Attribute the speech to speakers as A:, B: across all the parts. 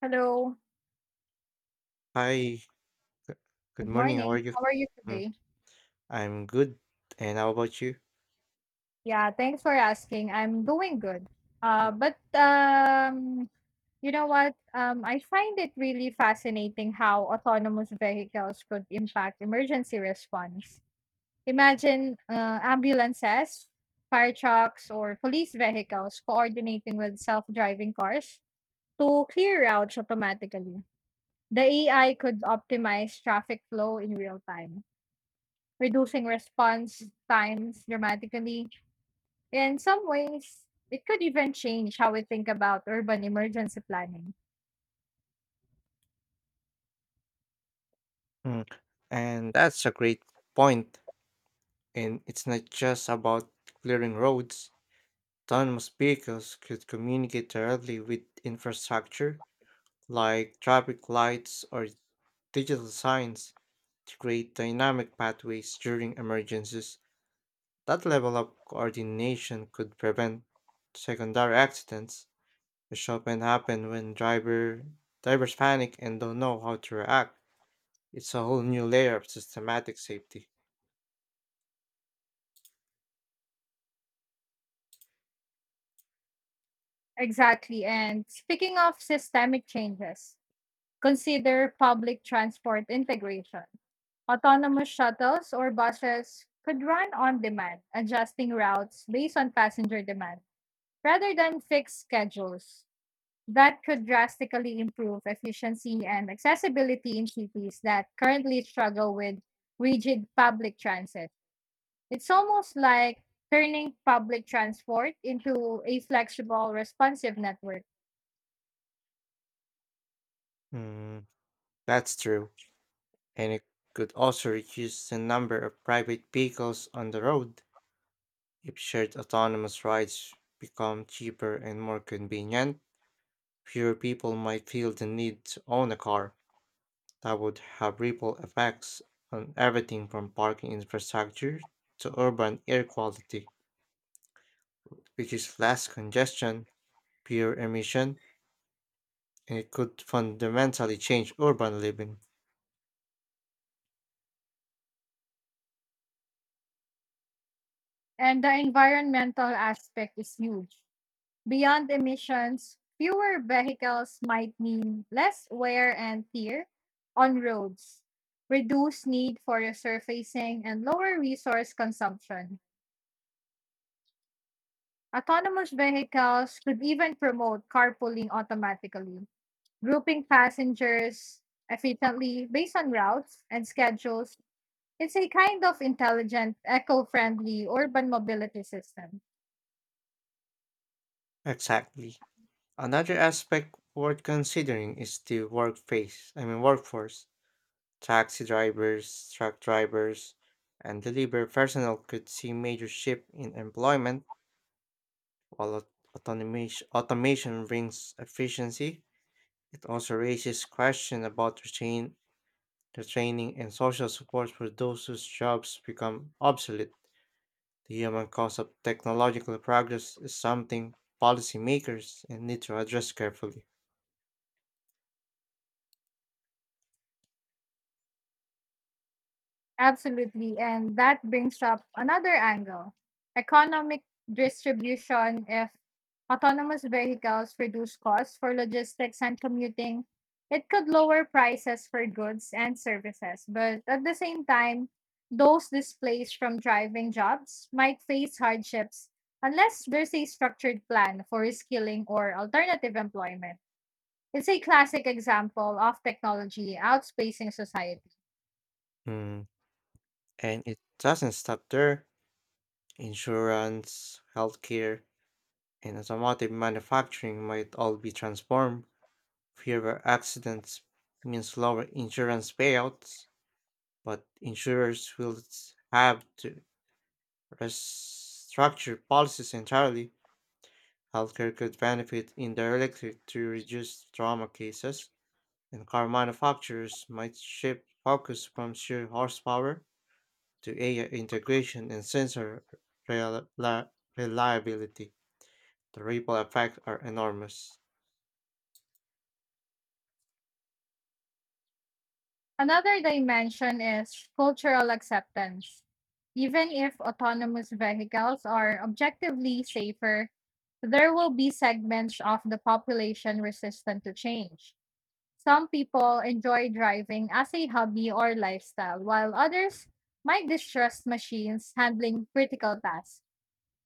A: Hello.
B: Hi, g- good
A: Good
B: morning. How are
A: morning.
B: you?
A: How are you
B: Mm,
A: today?
B: I'm good. And how about you?
A: Yeah, thanks for asking. I'm doing good.
B: Mm,
A: But you know what? I find it really fascinating how autonomous vehicles could impact emergency response. Imagine ambulances, fire trucks, or police vehicles coordinating with self-driving cars to clear routes automatically. The AI could optimize traffic flow in real time reducing response times dramatically. In some ways, it could even change how we think about urban emergency planning.
B: Mm, And that's a great point. And it's not just about clearing roads. Autonomous vehicles could communicate directly with infrastructure like traffic lights or digital signs to create dynamic pathways during emergencies. That level of coordination could prevent secondary accidents, which often happen when drivers panic and don't know how to react. It's a whole new layer of systematic safety.
A: Exactly. And speaking of systemic changes, consider public transport integration. Autonomous shuttles or buses could run on demand, adjusting routes based on passenger demand rather than fixed schedules. That could drastically improve efficiency and accessibility in cities that currently struggle with rigid public transit. It's almost like turning public transport into a flexible, responsive network.
B: Mm, that's true. And it could also reduce the number of private vehicles on the road. If shared autonomous rides become cheaper and more convenient, fewer people might feel the need to own a car. That would have ripple effects on everything from parking infrastructure to urban air quality, which is less congestion, pure emission, and it could fundamentally change urban living.
A: And the environmental aspect is huge. Beyond emissions, fewer vehicles might mean less wear and tear on roads, reduced need for resurfacing, and lower resource consumption. Autonomous vehicles could even promote carpooling automatically, grouping passengers efficiently based on routes and schedules. It's a kind of intelligent, eco friendly urban mobility system.
B: Exactly. Another aspect worth considering is the workplace, I mean workforce. Taxi drivers, truck drivers, and delivery personnel could see major shift in employment, while automation brings efficiency. It also raises question about retraining and social support for those whose jobs become obsolete. The human cost of technological progress is something policymakers and need to address carefully.
A: Absolutely. And that brings up another angle, economic distribution. If autonomous vehicles reduce costs for logistics and commuting, it could lower prices for goods and services. But at the same time, those displaced from driving jobs might face hardships unless there's a structured plan for reskilling or alternative employment. It's a classic example of technology outspacing society.
B: Mm, And it doesn't stop there. Insurance, healthcare, and automotive manufacturing might all be transformed. Fewer accidents means lower insurance payouts, but insurers will have to restructure policies entirely. Healthcare could benefit indirectly to reduce trauma cases, and car manufacturers might shift focus from sheer horsepower to AI integration and sensor rel- la- reliability. The ripple effects are enormous.
A: Another dimension is cultural acceptance. Even if autonomous vehicles are objectively safer, there will be segments of the population resistant to change. Some people enjoy driving as a hobby or lifestyle, while others might distrust machines handling critical tasks.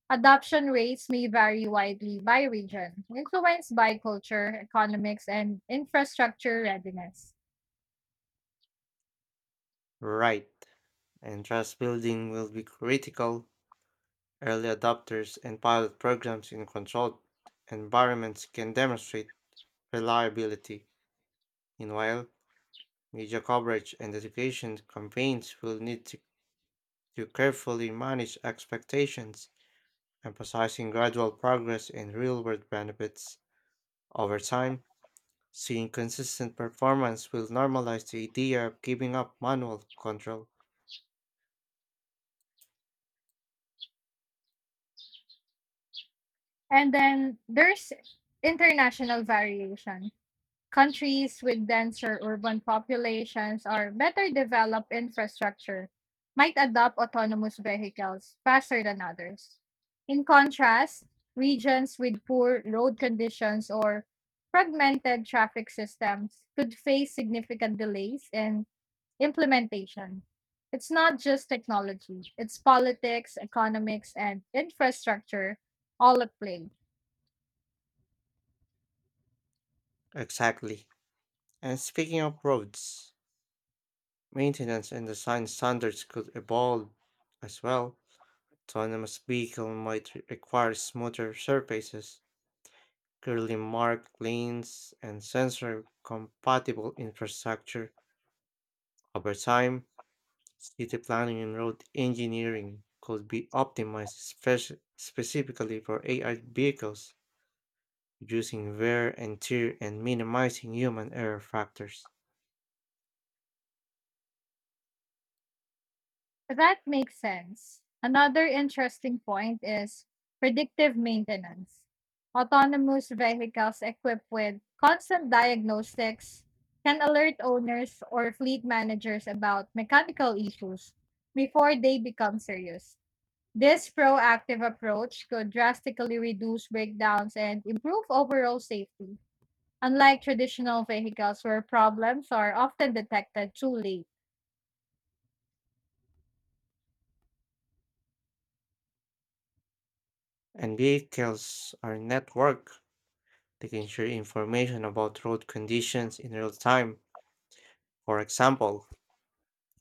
A: Adoption rates may vary widely by region, influenced by culture, economics, and infrastructure readiness.
B: Right, and trust building will be critical. Early adopters and pilot programs in controlled environments can demonstrate reliability. Meanwhile, media coverage and education campaigns will need to carefully manage expectations, emphasizing gradual progress in real world benefits. Over time, seeing consistent performance will normalize the idea of giving up manual control.
A: And then there's international variation. Countries with denser urban populations or better developed infrastructure might adopt autonomous vehicles faster than others. In contrast, regions with poor road conditions or fragmented traffic systems could face significant delays in implementation. It's not just technology, it's politics, economics, and infrastructure all at play.
B: Exactly. And speaking of roads, maintenance and design standards could evolve as well. Autonomous vehicle might require smoother surfaces, clearly marked lanes, and sensor compatible infrastructure. Over time, city planning and road engineering could be optimized specifically for AI vehicles, reducing wear and tear and minimizing human error factors.
A: So, that makes sense. Another interesting point is predictive maintenance. Autonomous vehicles equipped with constant diagnostics can alert owners or fleet managers about mechanical issues before they become serious. This proactive approach could drastically reduce breakdowns and improve overall safety, unlike traditional vehicles where problems are often detected too late.
B: And vehicles are networked, they can share information about road conditions in real time. For example,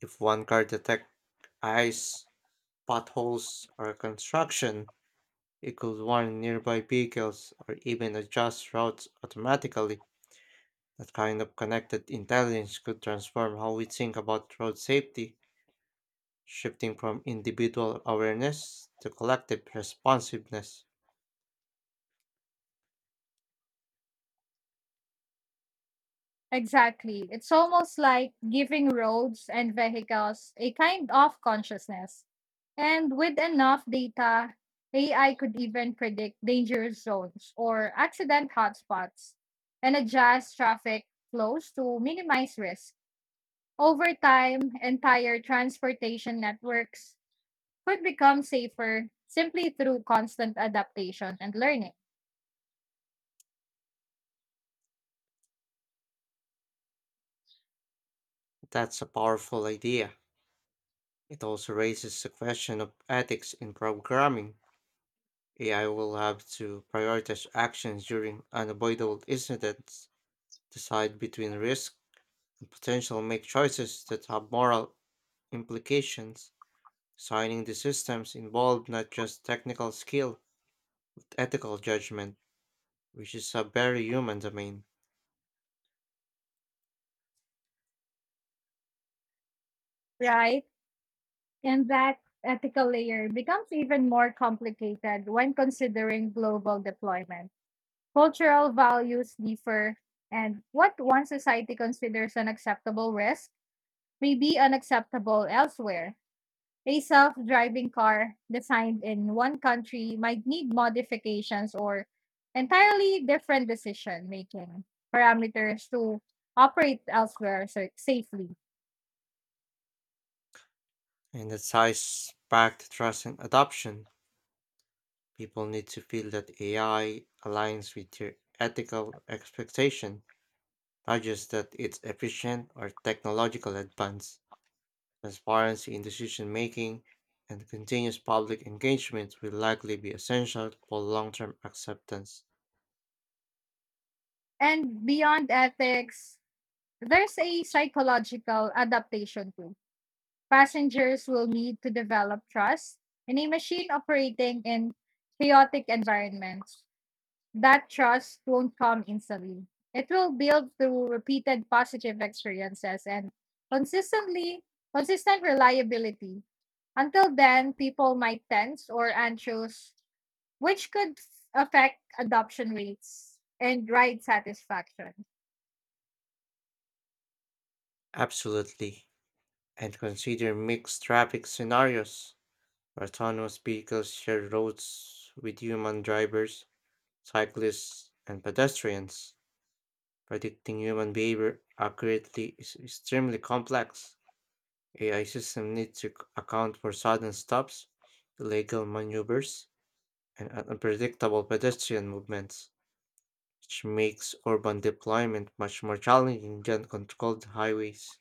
B: if one car detects ice, potholes, or construction, it could warn nearby vehicles or even adjust routes automatically. That kind of connected intelligence could transform how we think about road safety, shifting from individual awareness to collective responsiveness.
A: Exactly. It's almost like giving roads and vehicles a kind of consciousness. And with enough data, AI could even predict dangerous zones or accident hotspots and adjust traffic flows to minimize risk. Over time, entire transportation networks could become safer simply through constant adaptation and learning,
B: That's a powerful idea. It also raises the question of ethics in programming. AI will have to prioritize actions during unavoidable incidents, decide between risk and potential, make choices that have moral implications. Designing the systems involved not just technical skill, but ethical judgment, which is a very human domain,
A: right? And that ethical layer becomes even more complicated when considering global deployment. Cultural values differ, and what one society considers an acceptable risk may be unacceptable elsewhere. A self driving car designed in one country might need modifications or entirely different decision making parameters to safely.
B: and it ties back to trust and adoption. People need to feel that AI aligns with their ethical expectation, not just that it's efficient or technological advance. Transparency in decision making and continuous public engagement will likely be essential for long term acceptance.
A: And beyond ethics, there's a psychological adaptation too. Passengers will need to develop trust in a machine operating in chaotic environments. That trust won't come instantly. It will build through repeated positive experiences and consistently consistent reliability. Until then, people might tense or anxious, which could affect adoption rates and ride satisfaction.
B: Absolutely. And consider mixed traffic scenarios, where autonomous vehicles share roads with human drivers, cyclists, and pedestrians. Predicting human behavior accurately is extremely complex. AI systems need to account for sudden stops, illegal maneuvers, and unpredictable pedestrian movements, which makes urban deployment much more challenging than controlled highways.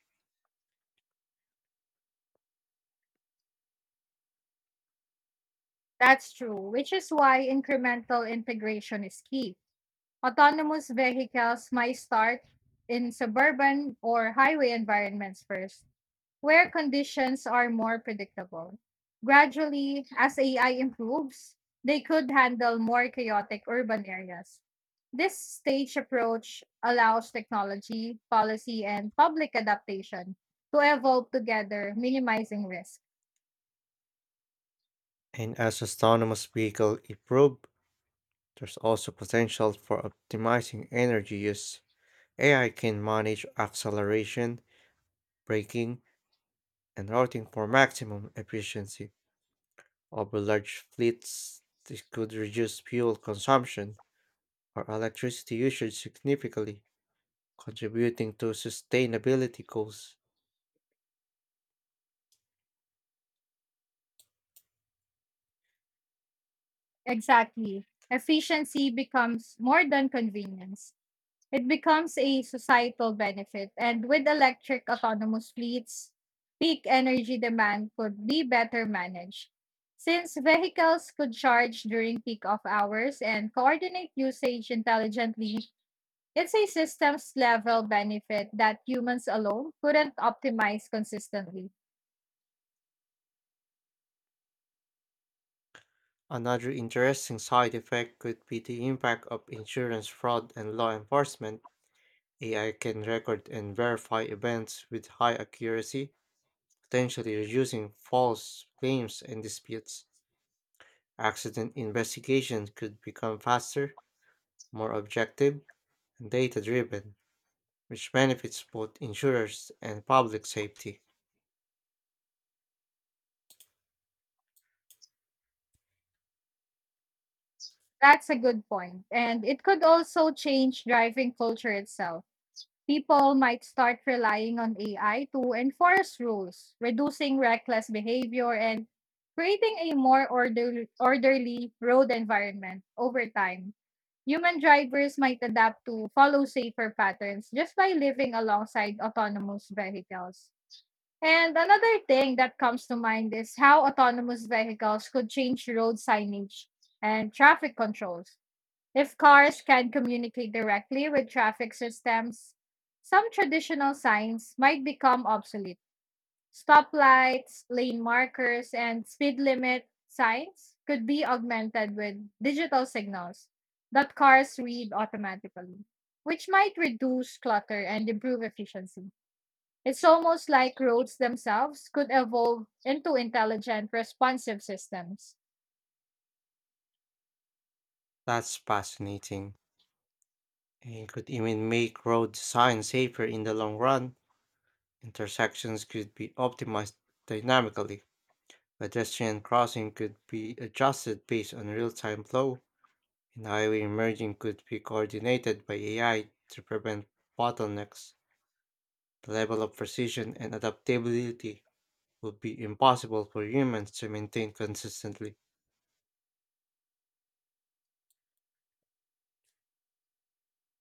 A: That's true, which is why incremental integration is key. Autonomous vehicles might start in suburban or highway environments first, where conditions are more predictable. Gradually, as AI improves, they could handle more chaotic urban areas. This stage approach allows technology, policy, and public adaptation to evolve together, minimizing risk.
B: And as autonomous vehicles improve, there's also potential for optimizing energy use. AI can manage acceleration, braking, and routing for maximum efficiency over large fleets. This could reduce fuel consumption or electricity usage significantly, contributing to sustainability goals.
A: Exactly. Efficiency becomes more than convenience. It becomes a societal benefit. And with electric autonomous fleets, peak energy demand could be better managed. Since vehicles could charge during peak off hours and coordinate usage intelligently, it's a systems level benefit that humans alone couldn't optimize consistently.
B: Another interesting side effect could be the impact of insurance fraud and law enforcement. AI can record and verify events with high accuracy, potentially reducing false claims and disputes. Accident investigations could become faster, more objective, and data driven, which benefits both insurers and public safety.
A: That's a good point. And it could also change driving culture itself. People might start relying on AI to enforce rules, reducing reckless behavior and creating a more orderly road environment over time. Human drivers might adapt to follow safer patterns just by living alongside autonomous vehicles. And another thing that comes to mind is how autonomous vehicles could change road signage and traffic controls. If cars can communicate directly with traffic systems, some traditional signs might become obsolete. Stoplights, lane markers, and speed limit signs could be augmented with digital signals that cars read automatically, which might reduce clutter and improve efficiency. It's almost like roads themselves could evolve into intelligent, responsive systems.
B: That's fascinating. And could even make road design safer in the long run. Intersections could be optimized dynamically. Pedestrian crossing could be adjusted based on real time flow, and highway merging could be coordinated by AI to prevent bottlenecks. The level of precision and adaptability would be impossible for humans to maintain consistently.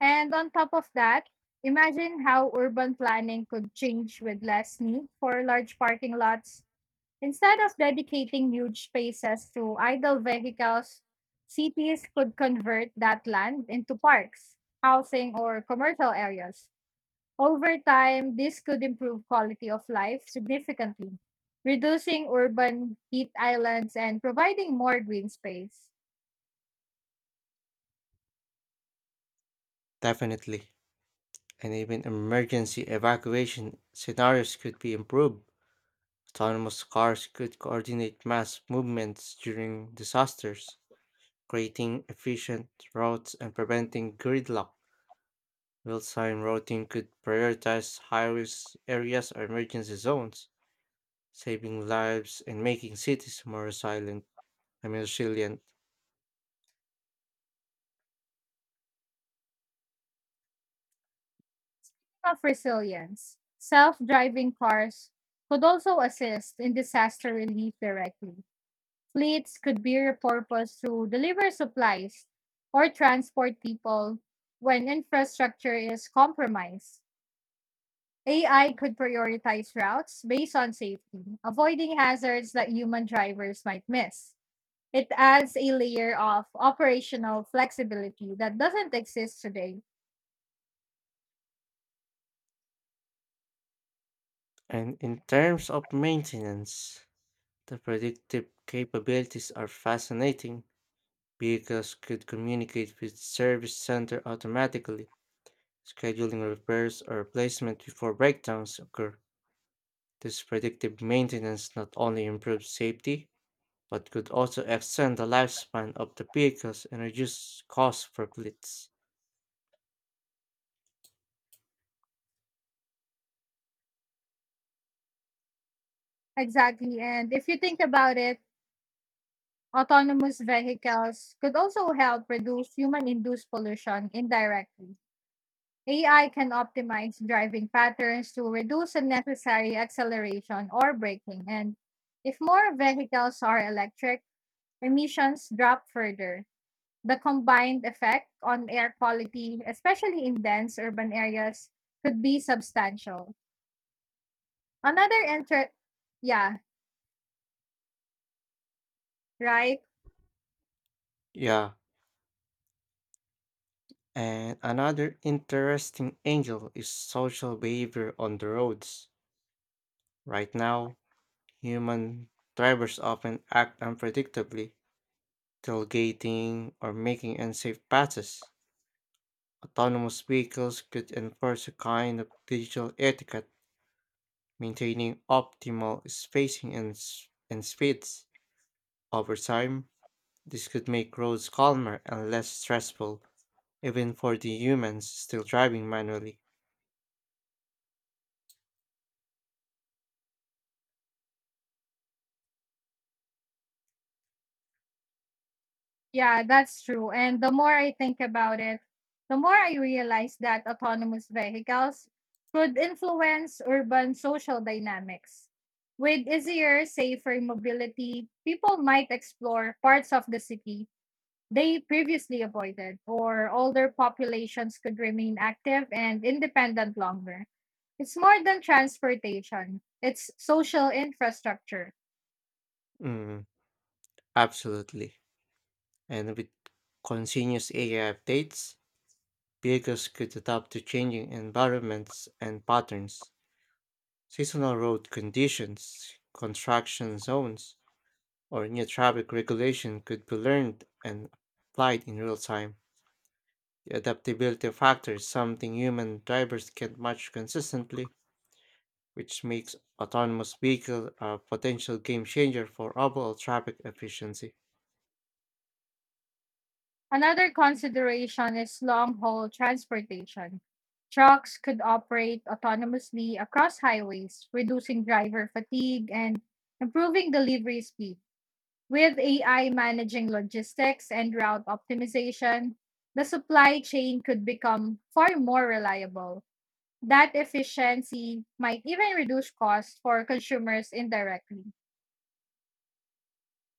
A: And on top of that, imagine how urban planning could change with less need for large parking lots. Instead of dedicating huge spaces to idle vehicles, cities could convert that land into parks, housing, or commercial areas. Over time, this could improve quality of life significantly, reducing urban heat islands and providing more green space.
B: Definitely, and even emergency evacuation scenarios could be improved. Autonomous cars could coordinate mass movements during disasters, creating efficient routes and preventing gridlock. Real-time routing could prioritize high-risk areas or emergency zones, saving lives and making cities more resilient. I mean, resilient.
A: Of resilience, self driving cars could also assist in disaster relief directly. Fleets could be repurposed to deliver supplies or transport people when infrastructure is compromised. AI could prioritize routes based on safety, avoiding hazards that human drivers might miss. It adds a layer of operational flexibility that doesn't exist today.
B: And in terms of maintenance, the predictive capabilities are fascinating. Vehicles could communicate with service center automatically, scheduling repairs or replacement before breakdowns occur. This predictive maintenance not only improves safety, but could also extend the lifespan of the vehicles and reduce costs for fleets.
A: Exactly. And if you think about it, autonomous vehicles could also help reduce human induced pollution indirectly. AI can optimize driving patterns to reduce unnecessary acceleration or braking. And if more vehicles are electric, emissions drop further. The combined effect on air quality, especially in dense urban areas, could be substantial. Another inter, yeah, right?
B: Yeah, and another interesting angle is social behavior on the roads. Right now, human drivers often act unpredictably, tailgating or making unsafe passes. Autonomous vehicles could enforce a kind of digital etiquette, maintaining optimal spacing and speeds. Over time, this could make roads calmer and less stressful, even for the humans still driving manually.
A: Yeah, that's true. And the more I think about it, the more I realize that autonomous vehicles could influence urban social dynamics. With easier, safer mobility, people might explore parts of the city they previously avoided, or older populations could remain active and independent longer. It's more than transportation, it's social infrastructure.
B: Mm, Absolutely. And with continuous AI updates, vehicles could adapt to changing environments and patterns. Seasonal road conditions, construction zones, or new traffic regulation could be learned and applied in real time. The adaptability factor is something human drivers can't match consistently, which makes autonomous vehicle a potential game changer for overall traffic efficiency.
A: Another consideration is long haul transportation. Trucks could operate autonomously across highways, reducing driver fatigue and improving delivery speed. With AI managing logistics and route optimization, the supply chain could become far more reliable. That efficiency might even reduce costs for consumers indirectly.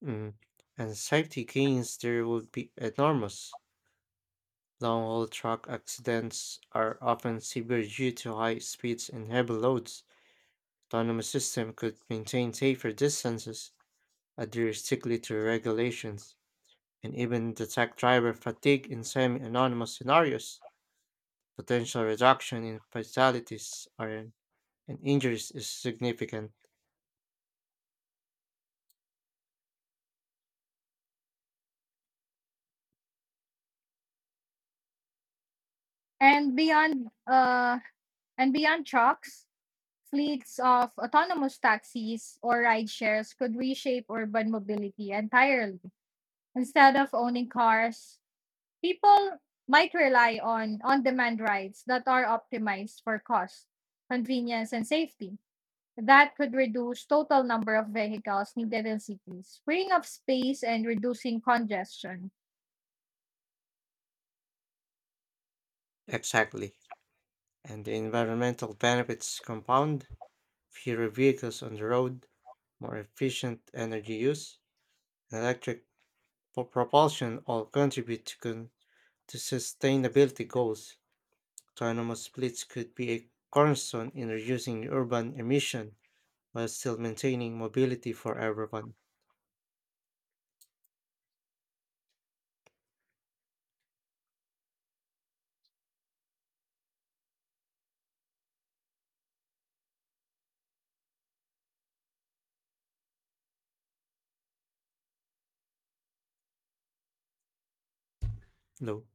B: Mm. And safety gains there would be enormous. Long haul truck accidents are often severe due to high speeds and heavy loads. Autonomous system could maintain safer distances, adhere strictly to regulations and even detect driver fatigue in semi anonymous scenarios. Potential reduction in fatalities and injuries is significant.
A: And beyond uh and beyond trucks, fleets of autonomous taxis or ride shares could reshape urban mobility entirely. Instead of owning cars, people might rely on demand rides that are optimized for cost, convenience, and safety. That could reduce total number of vehicles needed in cities, freeing up space and reducing congestion.
B: Exactly. And the environmental benefits compound fewer vehicles on the road, more efficient energy use, and electric propulsion all contribute to sustainability goals. Autonomous fleets could be a cornerstone in reducing urban emission while still maintaining mobility for everyone. Low.